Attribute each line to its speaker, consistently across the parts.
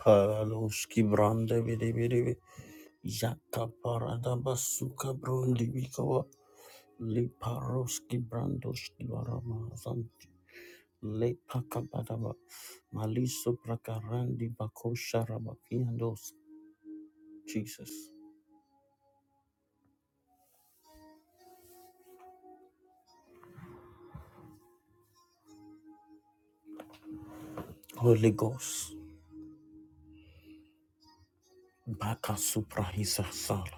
Speaker 1: Paluski brande bidi bidi bi. Yaka parada basuka brundi bikawa. Le paroski brandoski barama zanti. Le pakabadaba. Maliso prakarandi bakosha rabakiandos. Jesus. Holy Ghost. Baka supra hisa sala.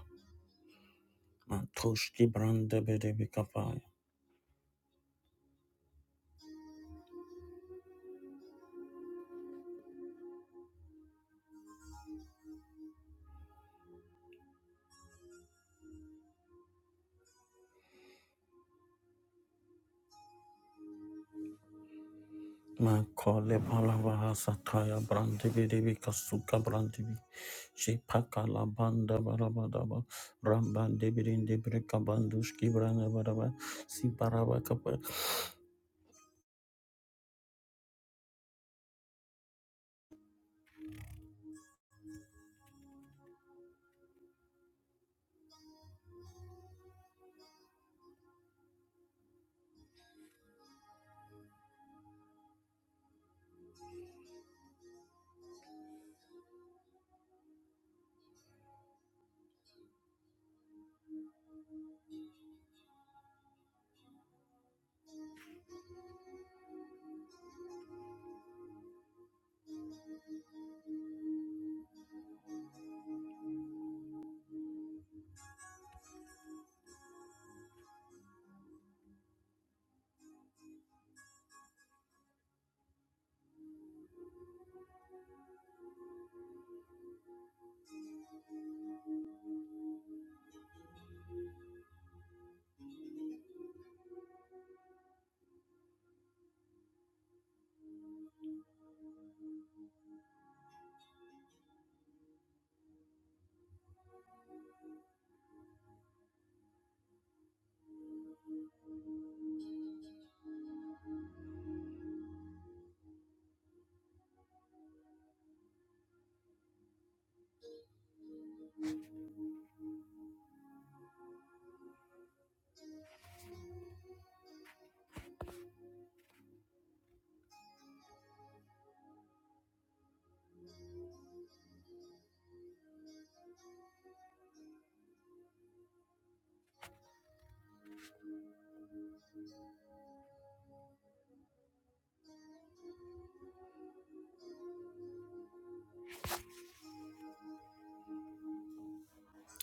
Speaker 1: Matoshki brande bidi bikapaya. Makole Palavaha Sataya Brandibidibi Kasuka Brandibi Shipaka Labanda Barabadaba Rambandibirin Debrika Bandushki Branabaraba Siparabakapa.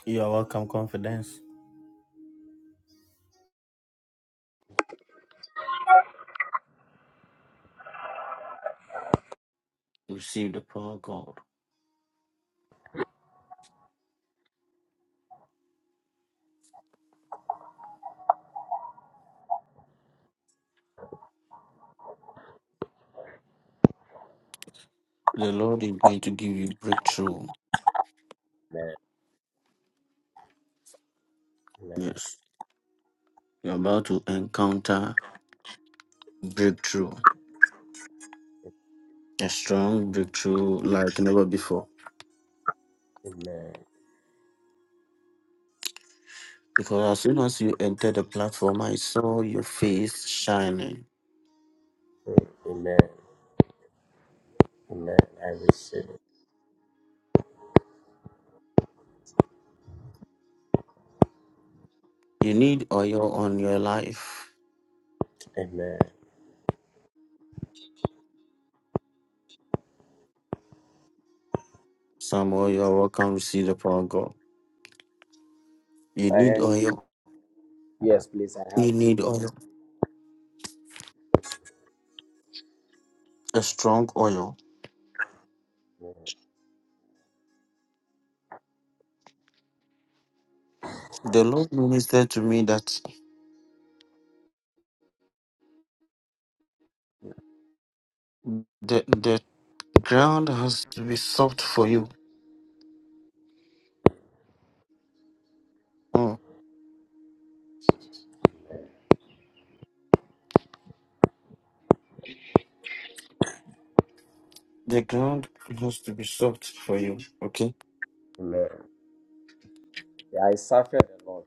Speaker 1: You are welcome, confidence. Receive the power of God. The Lord is going to give you breakthrough.
Speaker 2: Amen. Amen.
Speaker 1: Yes. You're about to encounter breakthrough. A strong breakthrough like never before.
Speaker 2: Amen.
Speaker 1: Because as soon as you entered the platform, I saw your face shining.
Speaker 2: Mm, Amen. Amen. I receive it.
Speaker 1: You need oil on your life.
Speaker 2: Amen.
Speaker 1: Some oil are welcome to see the power of God. You
Speaker 2: I
Speaker 1: need
Speaker 2: yes,
Speaker 1: oil.
Speaker 2: yes, please. I have.
Speaker 1: You need oil. A strong oil.
Speaker 2: Amen.
Speaker 1: The Lord ministered to me that the the ground has to be soft for you. Mm. The ground has to be soft for you. Okay.
Speaker 2: Amen. Yeah, I suffered a lot.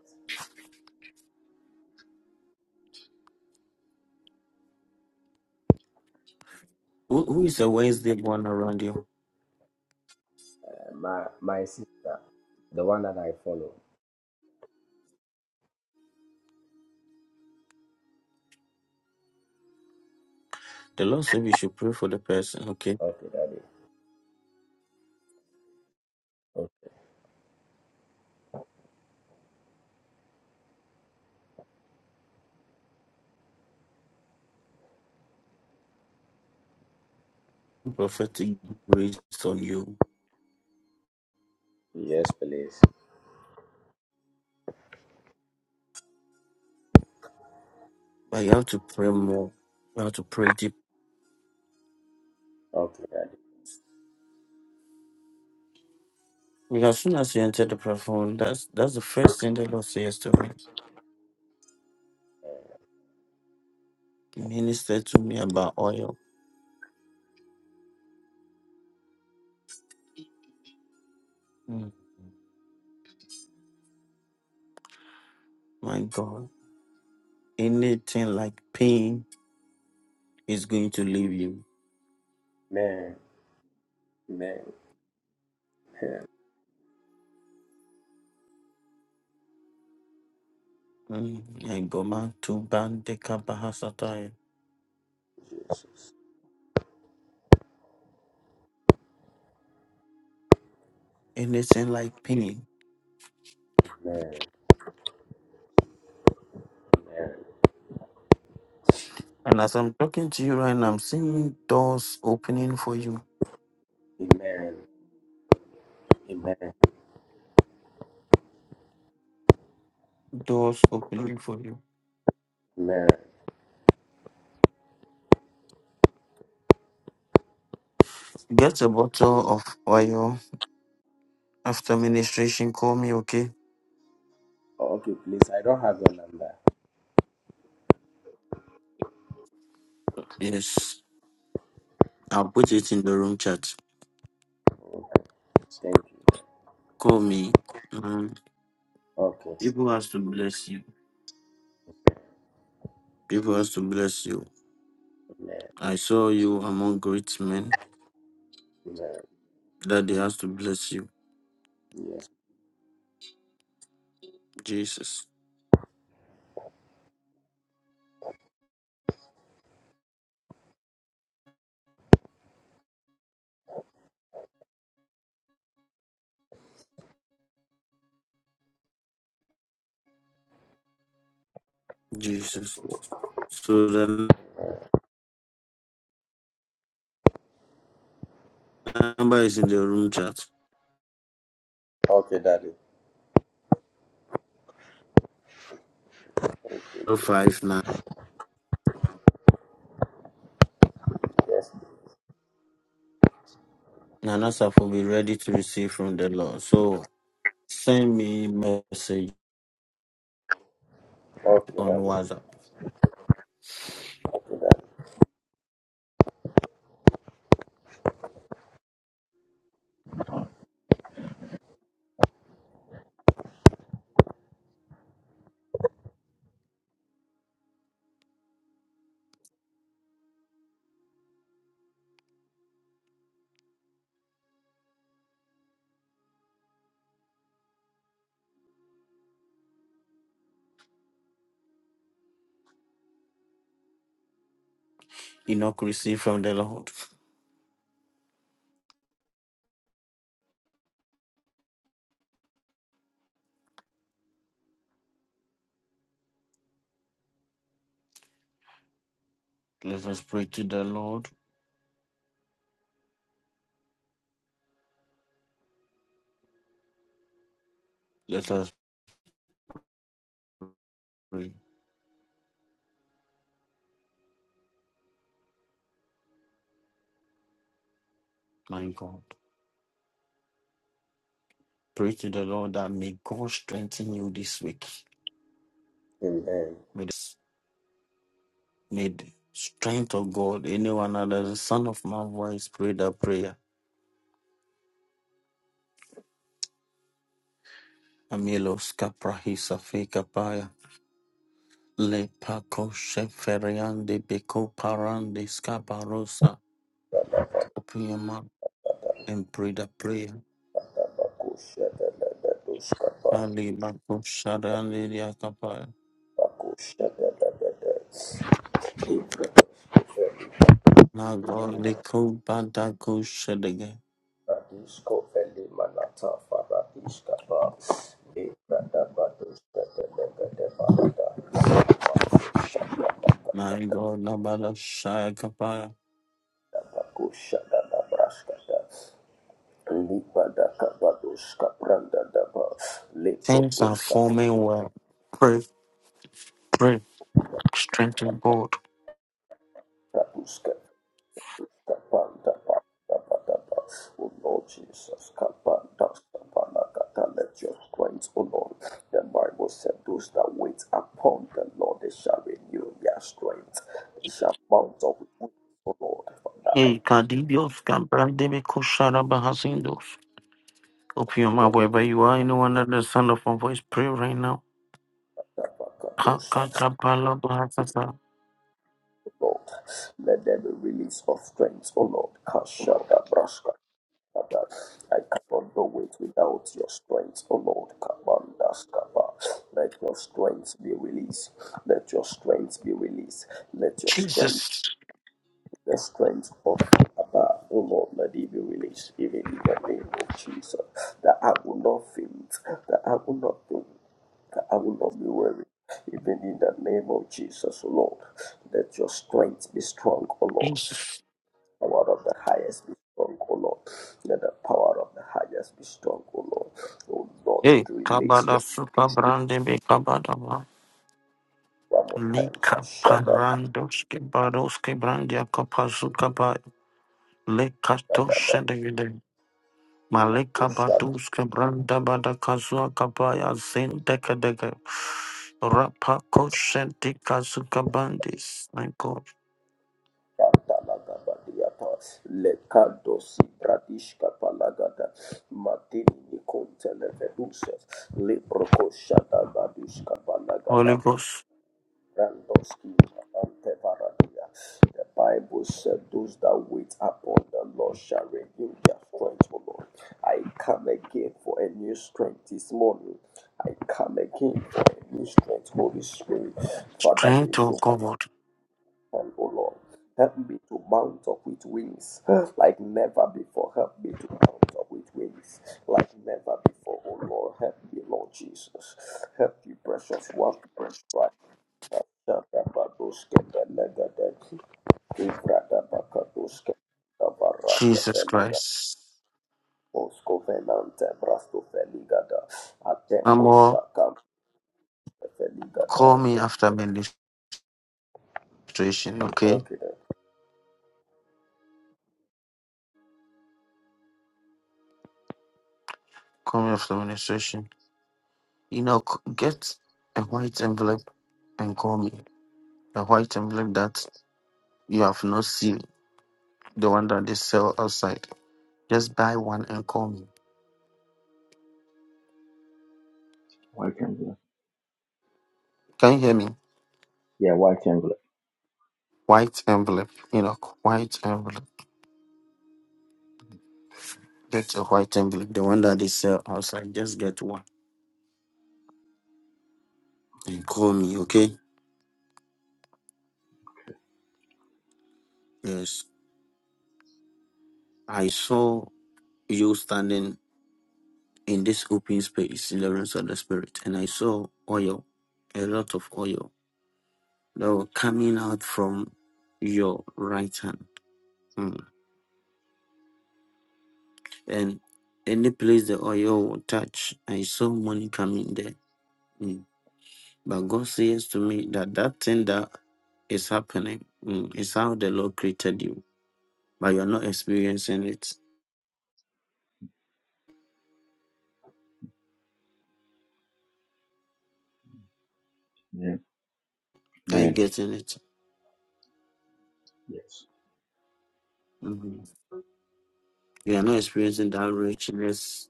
Speaker 1: Who, who is a Wednesday born around you?
Speaker 2: Uh, my my sister, the one that I follow.
Speaker 1: The Lord said you should pray for the person. Okay.
Speaker 2: Okay, daddy. Okay.
Speaker 1: Prophetic grace on you,
Speaker 2: Yes, please.
Speaker 1: but you have to pray more. You have to pray deep
Speaker 2: Okay. Daddy.
Speaker 1: Because as soon as you entered the platform, that's that's the first thing the Lord says to me. Minister to me about oil. Mm, My God, anything like pain is going to leave you.
Speaker 2: Amen. Amen. Amen.
Speaker 1: Mm, my God, man, to ban the kabahasataya.
Speaker 2: Jesus.
Speaker 1: Anything like pain.
Speaker 2: Amen. Amen.
Speaker 1: And as I'm talking to you right now, I'm seeing doors opening for you.
Speaker 2: Amen. Amen.
Speaker 1: Doors opening for you.
Speaker 2: Amen.
Speaker 1: Get a bottle of oil after ministration. Call me, okay?
Speaker 2: Okay, please. I don't have your number.
Speaker 1: Yes. I'll put it in the room chat.
Speaker 2: Thank you.
Speaker 1: Call me. Um,
Speaker 2: Okay.
Speaker 1: people has to bless you. People has to bless you.
Speaker 2: Amen.
Speaker 1: I saw you among great men
Speaker 2: Amen.
Speaker 1: that they has to bless you.
Speaker 2: Yes.
Speaker 1: Jesus. Jesus. So the number is in the room chat.
Speaker 2: Okay, Daddy. Okay, you, Jesus.
Speaker 1: 059.
Speaker 2: Yes, Lord.
Speaker 1: Nanasa will be ready to receive from the Lord. So send me message
Speaker 2: Okay,
Speaker 1: on
Speaker 2: Daddy.
Speaker 1: WhatsApp.
Speaker 2: Okay, Daddy.
Speaker 1: Enoch receive from the Lord. Let us pray to the Lord. Let us pray. My God. Pray to the Lord that may God strengthen you this week.
Speaker 2: Amen.
Speaker 1: May the, may the strength of God, anyone under the son of my voice, pray that prayer. Amelos kaprahisa feka paya Le pako sheferiande beko parande skabarosa. Open your mouth and pray that prayer.
Speaker 2: Akosha da da da doskapa.
Speaker 1: Ali bako sharande diakapaya.
Speaker 2: Akosha da da da da. Ifradiskofeli,
Speaker 1: My God, leko badako shedege.
Speaker 2: fradiskofeli manata faradiskapa. Ifradabadoskedelegede barada. Akosha da da da da da
Speaker 1: My
Speaker 2: da.
Speaker 1: God, nabala shayakapaya.
Speaker 2: Akosha da da braskada. Lipa da kabadoska pranda da daba.
Speaker 1: Things are
Speaker 2: Lekotoska
Speaker 1: forming well. Pray, pray, strengthen God.
Speaker 2: Kapanda, Oh Lord Jesus, Kapanda, Kapanda, let your strength, O Lord. The Bible said, Those that wait upon the Lord, they shall renew their strength. They shall mount up with wings, O Lord. Father, I
Speaker 1: Hey, Kadidios, Kabrandebe Koshara Bahasindos. Open your
Speaker 2: pray
Speaker 1: mouth wherever you are. Anyone under the sound of my voice, pray right now.
Speaker 2: that Bakadosha,
Speaker 1: Pakakapala Bahasasa.
Speaker 2: the Lord. Let there be release of strength, O Lord. Kasha, Dabrashka, Father, I cannot do it without your strength, O Lord. Kabanda skaba. Let your strength be released. Let your strength be released. Let your strength,
Speaker 1: Jesus,
Speaker 2: the strength of Abba, O Lord, let it be released, even in the name of Jesus. That I will not faint, that I will not faint, that I will not be weary. Even in the name of Jesus, O Lord, let your strength be strong, O Lord
Speaker 1: Jesus.
Speaker 2: power of the highest be strong, O Lord. Let the power of the highest be strong, O Lord. O Lord,
Speaker 1: Hey,
Speaker 2: release your
Speaker 1: Kabada Suka Brandebe Kabadaba.
Speaker 2: one more time.
Speaker 1: Lika
Speaker 2: Kashada,
Speaker 1: Parandos Kebados Kebrandia Kapazuka Ba. Lekato
Speaker 2: Kadaba,
Speaker 1: Malika
Speaker 2: Oshada,
Speaker 1: Baduska Branda Badakazua Kabaya Zindekadege Rapa Koshenti Kazuka Bandis. My God.
Speaker 2: Pantalagaba, Diapa, Lekado, Sibradishka, Palagada, Matini, Nikonte, Levedusas, Libroco, Shada, Badushka,
Speaker 1: Holy
Speaker 2: Palagada,
Speaker 1: Ghost.
Speaker 2: Randoski Antevaradia. The Bible said, Those that wait upon the Lord shall renew their strength, O Lord. I come again for a new strength this morning. I come again for a new strength, Holy Spirit. Father,
Speaker 1: Strength
Speaker 2: renew
Speaker 1: to
Speaker 2: my
Speaker 1: God.
Speaker 2: strength, O Lord. Help me to mount up with wings like never before. Help me to mount up with wings like never before, O Lord. Help me, Lord Jesus. Help me, precious one. right Shaka Babuske Belegade, Ivrada Bakabuske, Navaraste
Speaker 1: Jesus
Speaker 2: Feliga,
Speaker 1: Christ.
Speaker 2: Mosco Venante, Brasto Feligada,
Speaker 1: I'm
Speaker 2: Atemo
Speaker 1: all
Speaker 2: Shaka Feligada.
Speaker 1: call me after administration, okay?
Speaker 2: Okay.
Speaker 1: Call me after administration. You know, c- get a white envelope and call me. The white envelope that you have not seen, the one that they sell outside. Just buy one and call me.
Speaker 3: White Timberland.
Speaker 1: Can you hear me?
Speaker 3: Yeah, White Timberland.
Speaker 1: white envelope, you know, white envelope. Get a white envelope, the one that they sell outside. Just get one and call me, okay? Yes. I saw you standing in this open space in the rooms of the spirit, and I saw oil, a lot of oil that were coming out from your right hand. Mm. And any place the oil will touch, I saw money coming there. Hmm. But God says to me that that thing that is happening mm, is how the Lord created you, but you're not experiencing it.
Speaker 3: Yeah,
Speaker 1: Are you
Speaker 3: man.
Speaker 1: getting it?
Speaker 3: Yes.
Speaker 1: Mhm. You are not experiencing that richness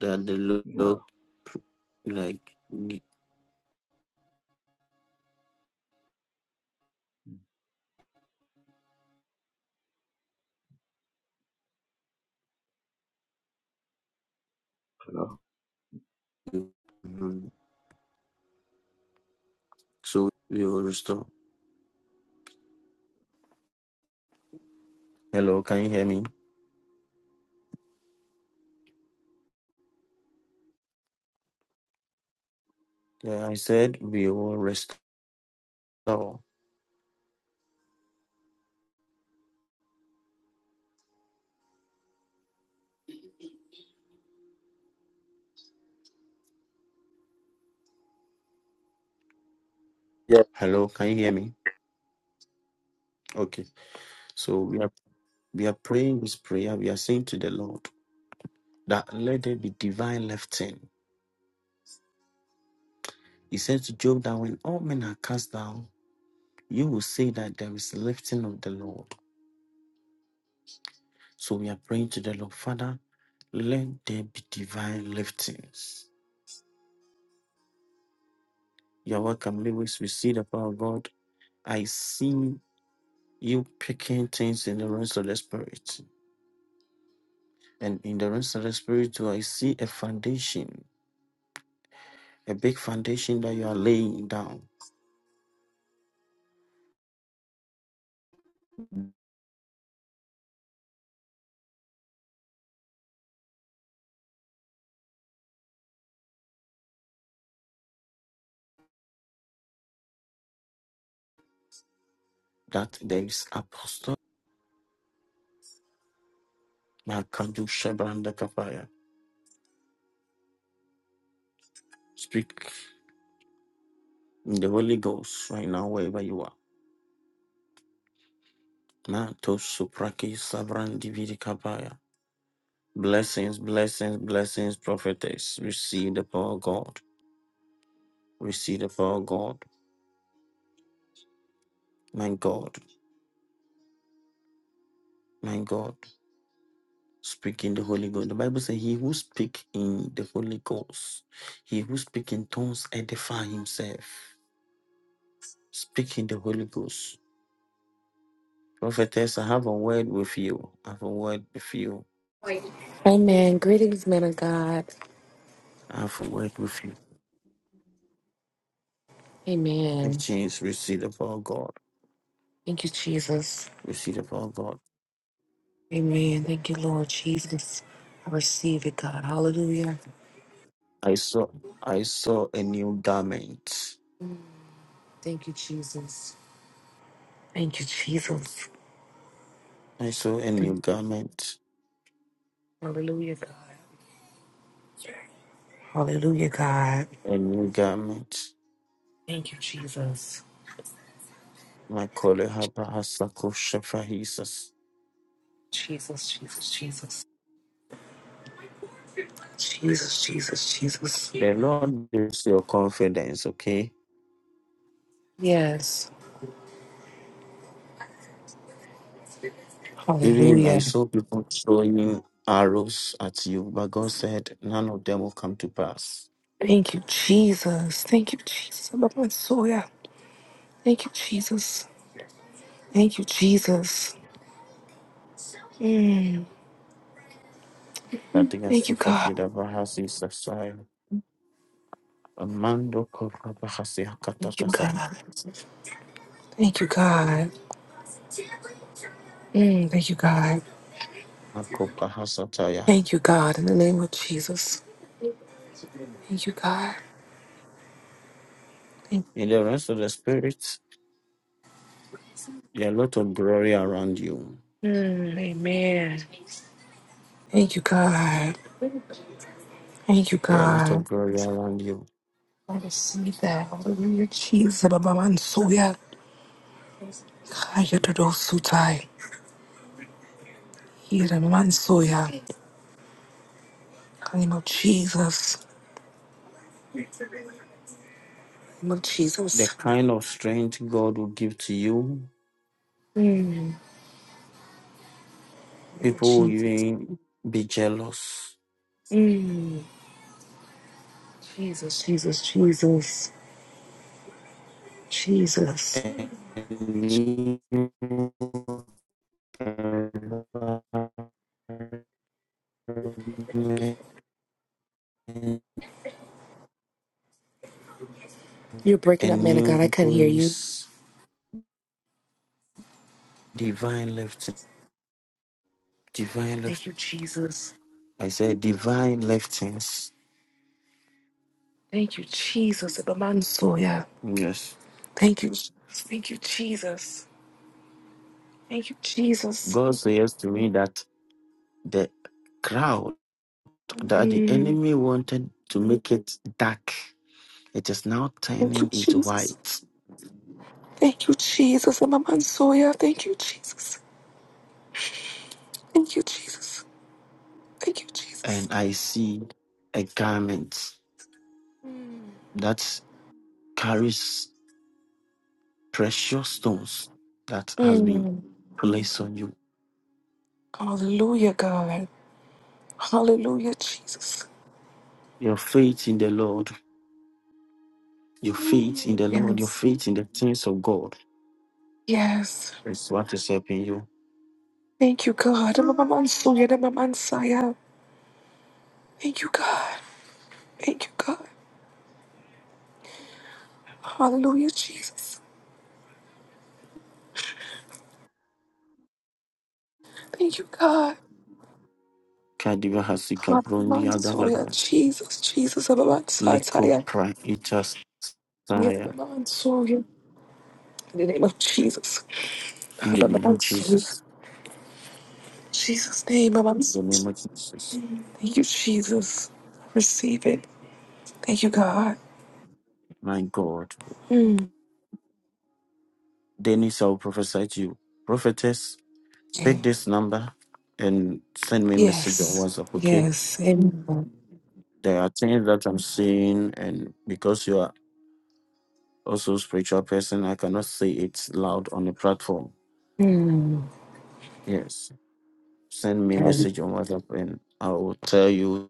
Speaker 1: that the
Speaker 3: Yeah.
Speaker 1: Lord pr- like give you. Mhm. So we will restore. Hello, can you hear me? Yeah, I said we will restore. Hello, can you hear me? Okay. So we are we are praying this prayer. We are saying to the Lord that let there be divine lifting He said to Job that when all men are cast down, you will say that there is lifting of the Lord. So we are praying to the Lord, Father, let there be divine liftings. You're welcome, Lewis. We see the power of God. I see you picking things in the realms of the Spirit. And in the realms of the Spirit, too, I see a foundation, a big foundation that you are laying down. That there is apostle. Speak in the Holy Ghost right now, wherever you are. Mato Supraki Sabran Dividi Kapaya. Blessings, blessings, blessings, prophetess. Receive the power of God. Receive the power of God. My God, my God. Speak in the Holy Ghost. The Bible says, He who speak in the Holy Ghost, he who speak in tongues edify himself. Speak in the Holy Ghost. Prophetess, I have a word with you. I have a word with you.
Speaker 4: Amen. Greetings, men of God.
Speaker 1: I have a word with you.
Speaker 4: Amen.
Speaker 1: Please receive the power of God.
Speaker 4: Thank you, Jesus.
Speaker 1: Receive the power of God.
Speaker 4: Amen. Thank you, Lord Jesus. I receive it, God. Hallelujah.
Speaker 1: I saw I saw a new garment.
Speaker 4: Thank you, Jesus. Thank you, Jesus.
Speaker 1: I saw a new garment.
Speaker 4: Hallelujah, God. Hallelujah, God.
Speaker 1: A new garment.
Speaker 4: Thank you, Jesus.
Speaker 1: My colleague Habahasakushafahisas.
Speaker 4: Jesus, Jesus, Jesus. Jesus, Jesus, Jesus.
Speaker 1: The Lord gives your confidence, okay?
Speaker 4: Yes.
Speaker 1: Even I
Speaker 4: Hallelujah.
Speaker 1: saw people throwing arrows at you, but God said none of them will come to pass.
Speaker 4: Thank you, Jesus. Thank you, Jesus. Thank you, Jesus. Thank you, Jesus. Thank you, Jesus.
Speaker 1: I think I
Speaker 4: Thank
Speaker 1: saw
Speaker 4: you, God.
Speaker 1: Fakidabahasisasai. Amando
Speaker 4: Thank you,
Speaker 1: Kokabahasiakatakasa.
Speaker 4: God. Thank you, God. Mm, thank you, God.
Speaker 1: Akokahasataya.
Speaker 4: Thank you, God. In the name of Jesus. Thank you, God. Thank
Speaker 1: In the rest of the spirit, there are a lot of glory around you.
Speaker 4: Mm, amen. Thank you, God. Thank you,
Speaker 1: There are a lot of
Speaker 4: God.
Speaker 1: glory around you.
Speaker 4: I receive that. Hallelujah. Jesus. Baba Mansoya. Kaya Dodo Sutai. Hira Mansoya. In the name of Jesus. In the name of
Speaker 1: The
Speaker 4: Jesus.
Speaker 1: kind of strength God will give to you,
Speaker 4: In the name of
Speaker 1: people will
Speaker 4: Jesus.
Speaker 1: even be jealous.
Speaker 4: Jesus, Jesus, Jesus. Jesus.
Speaker 1: And you can
Speaker 4: You're breaking
Speaker 1: a
Speaker 4: up, man of God. I
Speaker 1: new
Speaker 4: couldn't hear you.
Speaker 1: grace, divine lifting, divine lift.
Speaker 4: Thank you, Jesus.
Speaker 1: I said divine liftings.
Speaker 4: Thank you, Jesus. Ibamansoya.
Speaker 1: Yes.
Speaker 4: Thank you. Thank you, Jesus. Thank you, Jesus.
Speaker 1: God says to me that the crowd that the
Speaker 4: Mm.
Speaker 1: enemy wanted to make it dark It is now
Speaker 4: Thank you,
Speaker 1: turning into
Speaker 4: Jesus.
Speaker 1: white,
Speaker 4: Thank you, Jesus. Ibamansoya. Thank you, Jesus. Thank you, Jesus. Thank you, Jesus.
Speaker 1: and I see a garment that carries precious stones that has been
Speaker 4: Mm.
Speaker 1: placed on you.
Speaker 4: Hallelujah, God. Hallelujah, Jesus.
Speaker 1: Your faith in the Lord, your faith in the Lord, your
Speaker 4: Yes.
Speaker 1: faith in the things of God
Speaker 4: Yes.
Speaker 1: is what is helping you.
Speaker 4: Thank you, God. Ibamansoya. Ibamansaya. Thank you, God. Thank you, God. Hallelujah, Jesus. Thank you, God.
Speaker 1: Kadiva hasika brondi
Speaker 4: Mansoya,
Speaker 1: adavada.
Speaker 4: Jesus, Jesus,
Speaker 1: Leko
Speaker 4: Ababansataya.
Speaker 1: pra itas
Speaker 4: Yes,
Speaker 1: tire.
Speaker 4: Ababansoya. In the name of Jesus.
Speaker 1: In the name of
Speaker 4: Ababansoya.
Speaker 1: Jesus.
Speaker 4: Jesus' name,
Speaker 1: In the
Speaker 4: Ababansoya.
Speaker 1: name of Jesus.
Speaker 4: Thank you, Jesus. Receive it. Thank you, God.
Speaker 1: My God.
Speaker 4: Mm.
Speaker 1: Dennis, I will prophesy to you. Prophetess Pick this number and send me message on
Speaker 4: Yes.
Speaker 1: WhatsApp, okay?
Speaker 4: Yes. Amen.
Speaker 1: There are things that I'm seeing, and because you are also a spiritual person, I cannot say it loud on the platform.
Speaker 4: Mm.
Speaker 1: Yes. Send me
Speaker 4: Okay.
Speaker 1: message on WhatsApp and I will tell you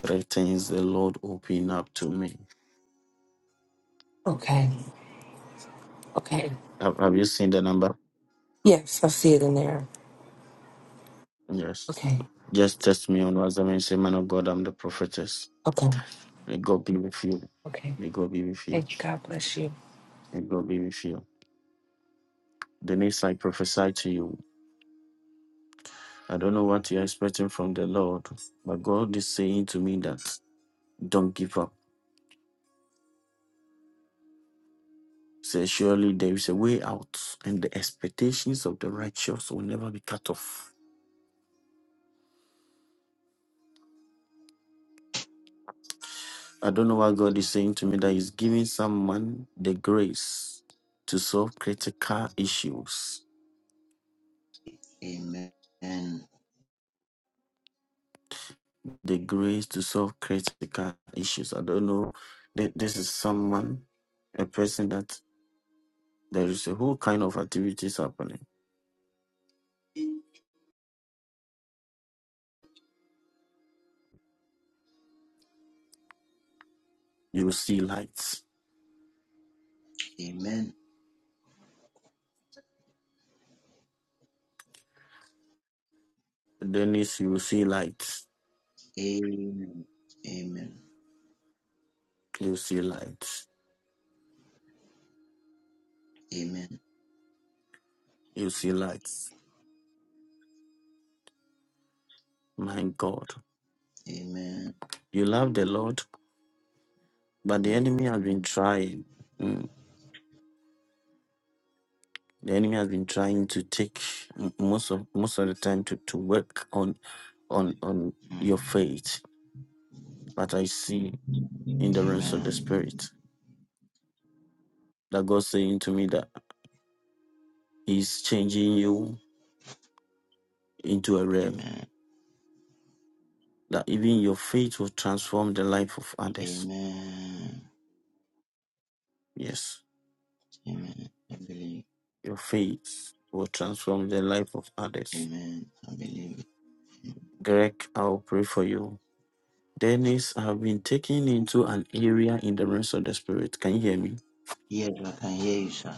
Speaker 1: three things the Lord opened up to me.
Speaker 4: Okay. Okay.
Speaker 1: Have, have you seen the number?
Speaker 4: Yes, I see it in there.
Speaker 1: Yes.
Speaker 4: Okay.
Speaker 1: Just text me on WhatsApp and say, Man of God, I'm the prophetess.
Speaker 4: Okay.
Speaker 1: May God be with you.
Speaker 4: Okay.
Speaker 1: May God be with you.
Speaker 4: Hey, God bless you.
Speaker 1: May God be with you. Denise, I prophesy to you. I don't know what you're expecting from the Lord, but God is saying to me that don't give up. Say, surely there is a way out, and the expectations of the righteous will never be cut off. I don't know what God is saying to me that He's giving someone the grace to solve critical issues.
Speaker 5: Amen. Amen.
Speaker 1: The grace to solve critical issues. I don't know. Th- This is someone, a person that there is a whole kind of activities happening. You will see lights.
Speaker 5: Amen.
Speaker 1: Dennis, you will see light.
Speaker 5: Amen.
Speaker 1: You see lights.
Speaker 5: Amen.
Speaker 1: You see lights. My God.
Speaker 5: Amen.
Speaker 1: You love the Lord, but the
Speaker 5: Mm,
Speaker 1: enemy has been trying. Mm. The enemy has been trying to take mm, most of most of the time to, to work on on on
Speaker 5: mm.
Speaker 1: your faith. But I see in the realms of the
Speaker 5: Amen.
Speaker 1: spirit that God's saying to me that He's changing you into a realm.
Speaker 5: Amen.
Speaker 1: That even your faith will transform the life of others.
Speaker 5: Amen.
Speaker 1: Yes.
Speaker 5: Amen. I believe.
Speaker 1: Your faith will transform the life of others
Speaker 5: Amen. I believe.
Speaker 1: Greg, I'll pray for you. Dennis, I've been taken into an area in the realms of the spirit. Can you hear me?
Speaker 5: Yes, I can hear you, sir.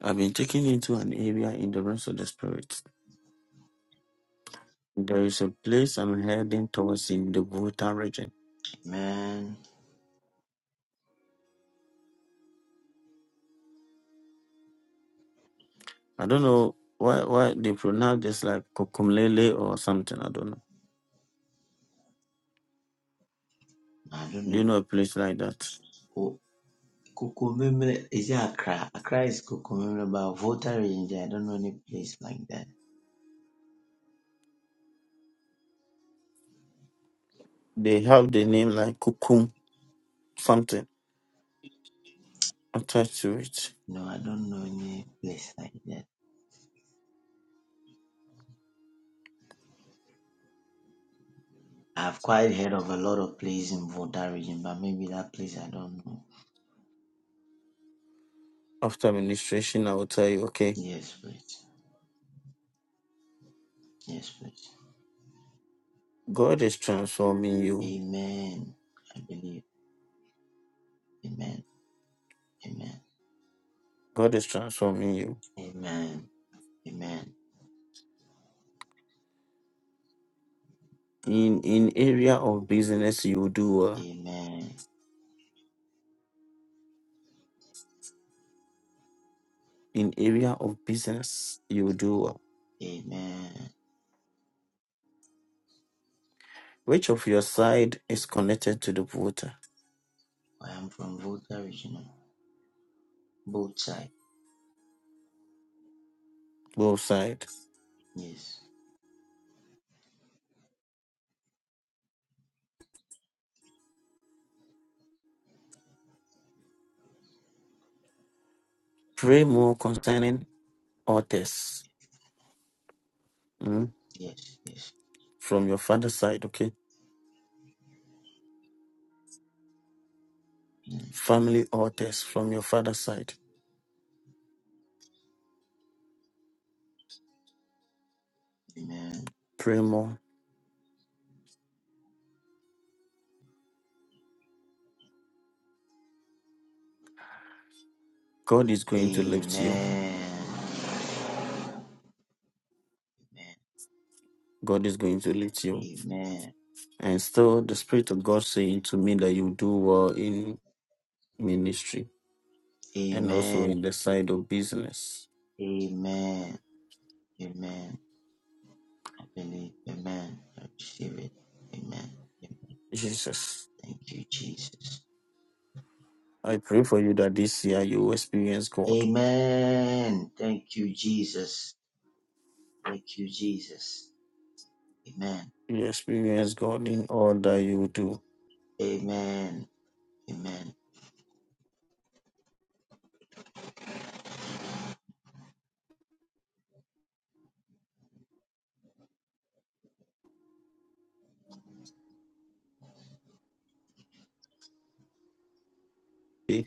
Speaker 1: I've been taken into an area in the realms of the spirit. There is a place I'm heading towards in the Bhutan region.
Speaker 5: Amen.
Speaker 1: I don't know why why they pronounce this like Kukumlele or something. I don't know.
Speaker 5: I don't
Speaker 1: Do
Speaker 5: know.
Speaker 1: you know a place like that?
Speaker 5: Oh, Kukumemre is it Accra? Accra is Kukumemre, but Volta Range, I don't know any place like that.
Speaker 1: They have the name like Kukum something attached to it.
Speaker 5: No, I don't know any place like that. I've quite heard of a lot of places in Volta region, but maybe that place I don't know.
Speaker 1: After ministration, I will tell you, okay,
Speaker 5: Yes, please. Yes, please.
Speaker 1: God is transforming you.
Speaker 5: Amen. I believe. Amen. Amen.
Speaker 1: God is transforming you.
Speaker 5: Amen. Amen.
Speaker 1: in in area of business you do well
Speaker 5: Amen.
Speaker 1: in area of business you do well
Speaker 5: Amen.
Speaker 1: which of your side is connected to the voter
Speaker 5: I am from Volta region. oh. Both side.
Speaker 1: both side
Speaker 5: Yes.
Speaker 1: pray more concerning authors mm,
Speaker 5: Yes. Yes.
Speaker 1: from your father's side okay
Speaker 5: Mm.
Speaker 1: family authors from your father's side
Speaker 5: Amen.
Speaker 1: pray more god is going to lift you
Speaker 5: Amen.
Speaker 1: god is going to lift you
Speaker 5: Amen.
Speaker 1: and still the spirit of god saying to me that you do well in ministry
Speaker 5: Amen.
Speaker 1: and also
Speaker 5: Amen.
Speaker 1: in the side of business
Speaker 5: Amen. Amen. I believe. Amen. I receive it. Amen.
Speaker 1: jesus
Speaker 5: Thank you, Jesus.
Speaker 1: I pray for you that this year you will experience God.
Speaker 5: Amen. Thank you, Jesus. Thank you, Jesus. Amen.
Speaker 1: You experience God in all that you do.
Speaker 5: Amen. Amen.
Speaker 1: Okay?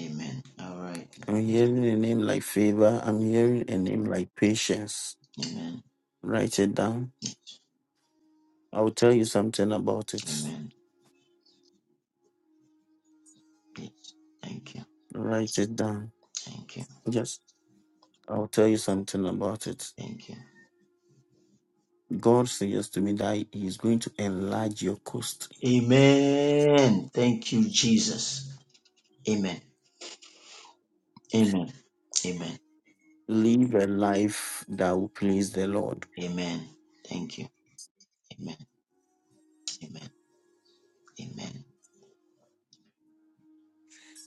Speaker 5: Amen. All right.
Speaker 1: I'm
Speaker 5: Yes.
Speaker 1: hearing a name like favor. I'm hearing a name like patience.
Speaker 5: Amen.
Speaker 1: Write it down. I'll tell you something about it.
Speaker 5: Amen. Yes. Thank you.
Speaker 1: Write it down.
Speaker 5: Thank you.
Speaker 1: Yes, I'll tell you something about it.
Speaker 5: Thank you.
Speaker 1: God says to me that He is going to enlarge your coast.
Speaker 5: Amen. Thank you, Jesus. Amen. Amen. Amen.
Speaker 1: Live a life that will please the Lord.
Speaker 5: Amen. Thank you. Amen. Amen. Amen.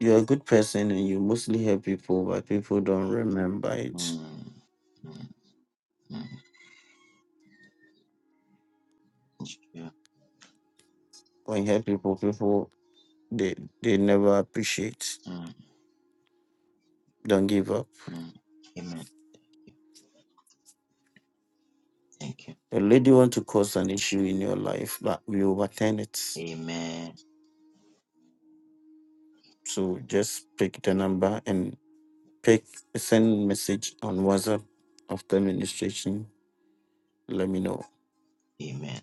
Speaker 1: You're a good person and you mostly help people, but people don't remember it
Speaker 5: Mm. Mm. Mm. It's true.
Speaker 1: when you help people, people they they never appreciate.
Speaker 5: Mm.
Speaker 1: Don't give up.
Speaker 5: Mm. Amen. Thank you.
Speaker 1: The lady want to cause an issue in your life, but we overturn it.
Speaker 5: Amen.
Speaker 1: So just pick the number and pick send message on WhatsApp after ministration. Let me know.
Speaker 5: Amen.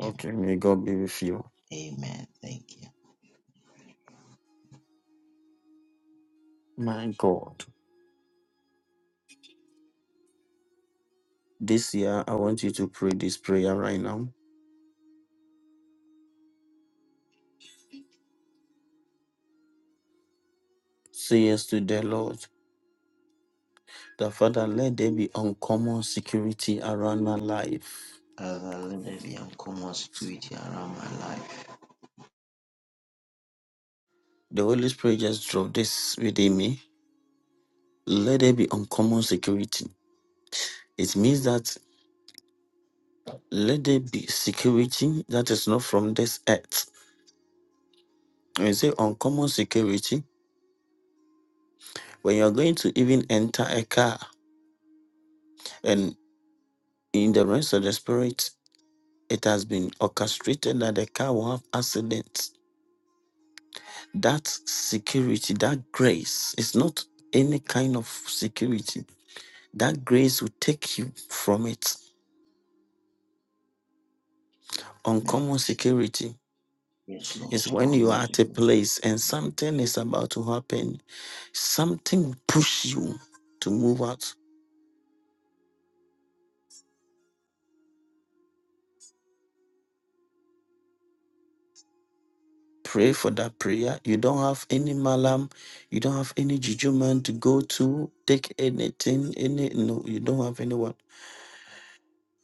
Speaker 5: Amen.
Speaker 1: may God be with you.
Speaker 5: Amen. Thank you.
Speaker 1: My God. This year I want you to pray this prayer right now. Say yes to the Lord. The Father, let there be uncommon security around my life.
Speaker 5: Father, let there be uncommon security around my life.
Speaker 1: The Holy Spirit just drove this within me let there be uncommon security. It means that let there be security that is not from this earth. When you say uncommon security, when you're going to even enter a car and in the rest of the spirit, it has been orchestrated that the car will have accidents. That security, that grace is not any kind of security. That grace will take you from it.
Speaker 5: Amen.
Speaker 1: Uncommon security
Speaker 5: Yes, Lord,
Speaker 1: is when you
Speaker 5: uncommon
Speaker 1: are at a
Speaker 5: security.
Speaker 1: place and something is about to happen Something will push you to move out. Pray for that prayer. You don't have any malam, you don't have any juju man to go to, take anything, any no, you don't have anyone.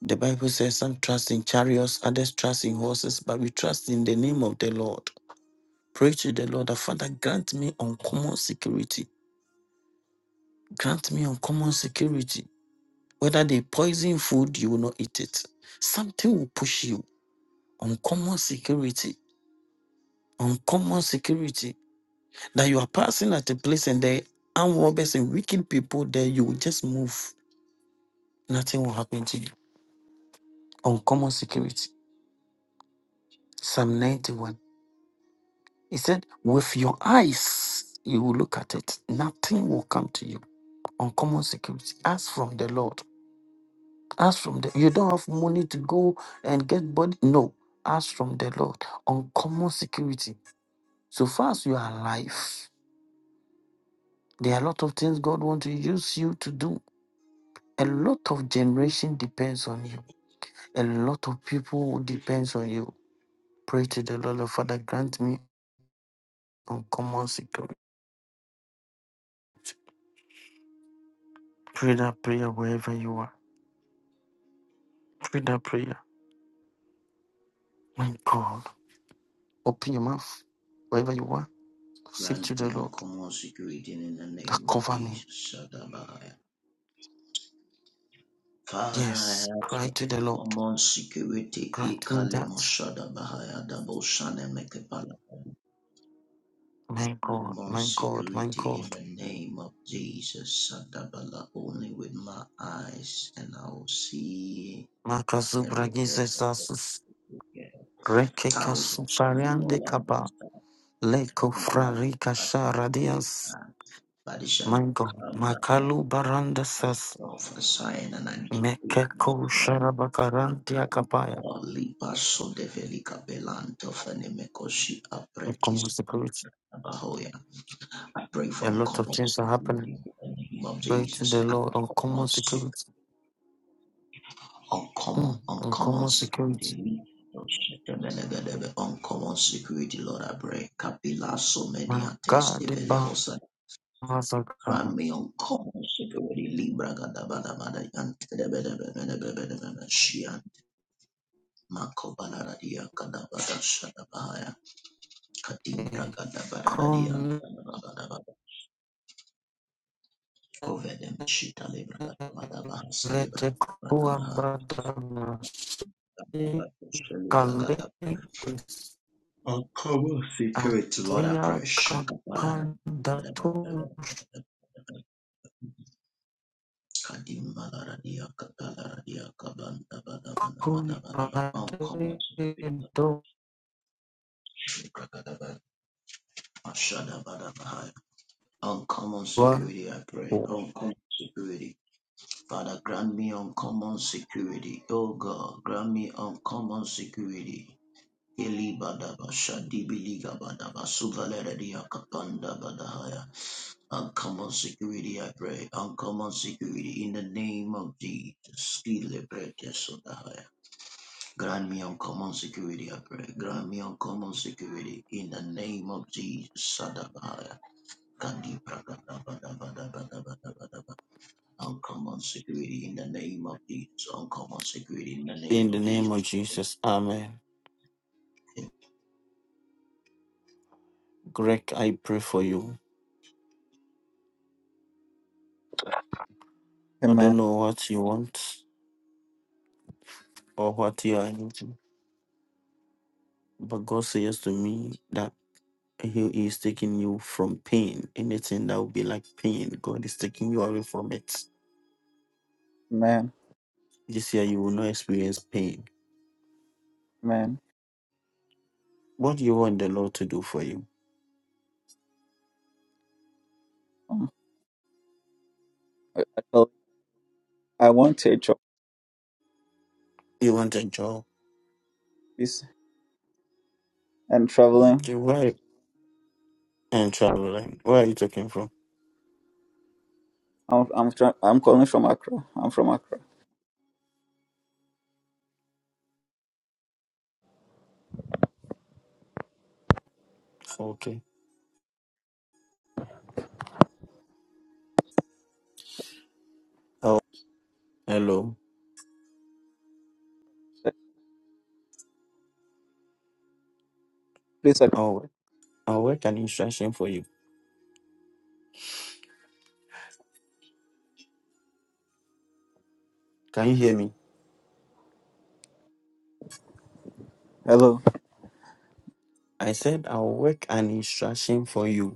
Speaker 1: The Bible says some trust in chariots, others trust in horses, but we trust in the name of the Lord. Pray to the Lord that Father grant me uncommon security. Grant me uncommon security. Whether they poison food, you will not eat it. Something will push you. Uncommon security. Uncommon security That you are passing at a place and there are armed robbers and wicked people there, you will just move. Nothing will happen to you. Uncommon security. Psalm 91. He said, with your eyes, you will look at it. Nothing will come to you. Uncommon security. Ask from the Lord. Ask from the, you don't have money to go and get body. No. Ask from the Lord. Uncommon security. So far as you are alive, there are a lot of things God wants to use you to do. A lot of generation depends on you. A lot of people depends on you. Pray to the Lord, the Father, grant me uncommon security. Pray that prayer wherever you are. Pray that prayer. My God, open your mouth wherever you are. Say
Speaker 5: Grant
Speaker 1: to
Speaker 5: me
Speaker 1: the Lord
Speaker 5: uncommon security in the
Speaker 1: that
Speaker 5: name of
Speaker 1: cover me.
Speaker 5: Jesus. Shadabaya. Father, I ask
Speaker 1: Yes, cry to the
Speaker 5: for
Speaker 1: Lord.
Speaker 5: uncommon security.
Speaker 1: Grant me
Speaker 5: Ikalimo
Speaker 1: that.
Speaker 5: Shadabaya. Dabo Shanemekepala.
Speaker 1: My God,
Speaker 5: Uncommon
Speaker 1: my God, my
Speaker 5: security
Speaker 1: God.
Speaker 5: in the name of Jesus. Shadabala. Only with my eyes and I will see a report.
Speaker 1: Makazubragizesasus.
Speaker 5: thousand shall
Speaker 1: Rekekasufariande
Speaker 5: fall on
Speaker 1: kaba.
Speaker 5: us that
Speaker 1: Leko
Speaker 5: people
Speaker 1: frarika
Speaker 5: at my
Speaker 1: sharadias.
Speaker 5: Badisham
Speaker 1: My God.
Speaker 5: come that my
Speaker 1: Makalu
Speaker 5: of a sign and I decree the
Speaker 1: Mekeko
Speaker 5: powerful
Speaker 1: Sharabakarantia Kapaya.
Speaker 5: or lipaso de velica belanto fenimecosi apretis
Speaker 1: Uncommon security.
Speaker 5: abahoya. I pray
Speaker 1: A
Speaker 5: for
Speaker 1: lot of
Speaker 5: uncommon
Speaker 1: things are happening.
Speaker 5: security in the name of
Speaker 1: Pray to the
Speaker 5: Jesus.
Speaker 1: Lord. Uncommon
Speaker 5: Uncommon sick,
Speaker 1: security.
Speaker 5: uncommon,
Speaker 1: Mm.
Speaker 5: uncommon
Speaker 1: Uncommon security.
Speaker 5: security. Uncommon security, Lord, I pray. Kapila so many
Speaker 1: My
Speaker 5: attest
Speaker 1: God, the
Speaker 5: devele
Speaker 1: Bahasaka.
Speaker 5: Ramion Kong Shiburi Libra Gadabadabada Yantebedebedebedebedebede Shian Mako Balaradia Gadabada Shadabaya Katim Bragadabadadia
Speaker 1: Come.
Speaker 5: Gadabadabada Kovedem Shita Libra Gadabada Bahasa
Speaker 1: Let
Speaker 5: Libra
Speaker 1: the
Speaker 5: Gadabada
Speaker 1: Kuambadana.
Speaker 5: Libra Gadabada
Speaker 1: Kalendis.
Speaker 5: Uncover secrets, Lord, I
Speaker 1: Atia
Speaker 5: pray. Shakapalara.
Speaker 1: Kampanda Tushkumbade
Speaker 5: Kadimbalaradia katalaradia kabanda bada bada bada bada bada. Uncommon security. Ashada bada bahaya. Uncommon
Speaker 1: Doa.
Speaker 5: security, I pray. Uncommon security. Father, grant me uncommon security. Oh God, grant me uncommon security. Eli badaba shadi biliga badaba suvaleradia kapanda badahaya. Uncommon security, I pray. Uncommon security in the name of Jesus. Kile brete sodahaya. Grant me uncommon security, I pray. Grant me uncommon security in the name of Jesus. Sadabaya. Kadibragabadabadabadabadabadaba. Uncommon security in the name of Jesus. Uncommon security in the name
Speaker 1: In the
Speaker 5: of
Speaker 1: name of
Speaker 5: Jesus.
Speaker 1: Jesus. Amen. Greg, I pray for you. I
Speaker 6: Amen,
Speaker 1: don't know what you want or what you are needing, but God says to me that He is taking you from pain. Anything that will be like pain, God is taking you away from it.
Speaker 6: amen,
Speaker 1: This year, you will not experience pain.
Speaker 6: amen.
Speaker 1: What do you want the Lord to do for you?
Speaker 6: Um, I, I, tell- I want to job
Speaker 1: You want a job?
Speaker 6: please and traveling.
Speaker 1: Okay, why? And traveling. Where are you talking from?
Speaker 6: I'm I'm tra- I'm calling from Accra. I'm from Accra.
Speaker 1: Okay. Oh, hello.
Speaker 6: Please, second.
Speaker 1: Oh, I'll work an instruction for you. Can you hear me?
Speaker 6: Hello.
Speaker 1: I said I'll work an instruction for you.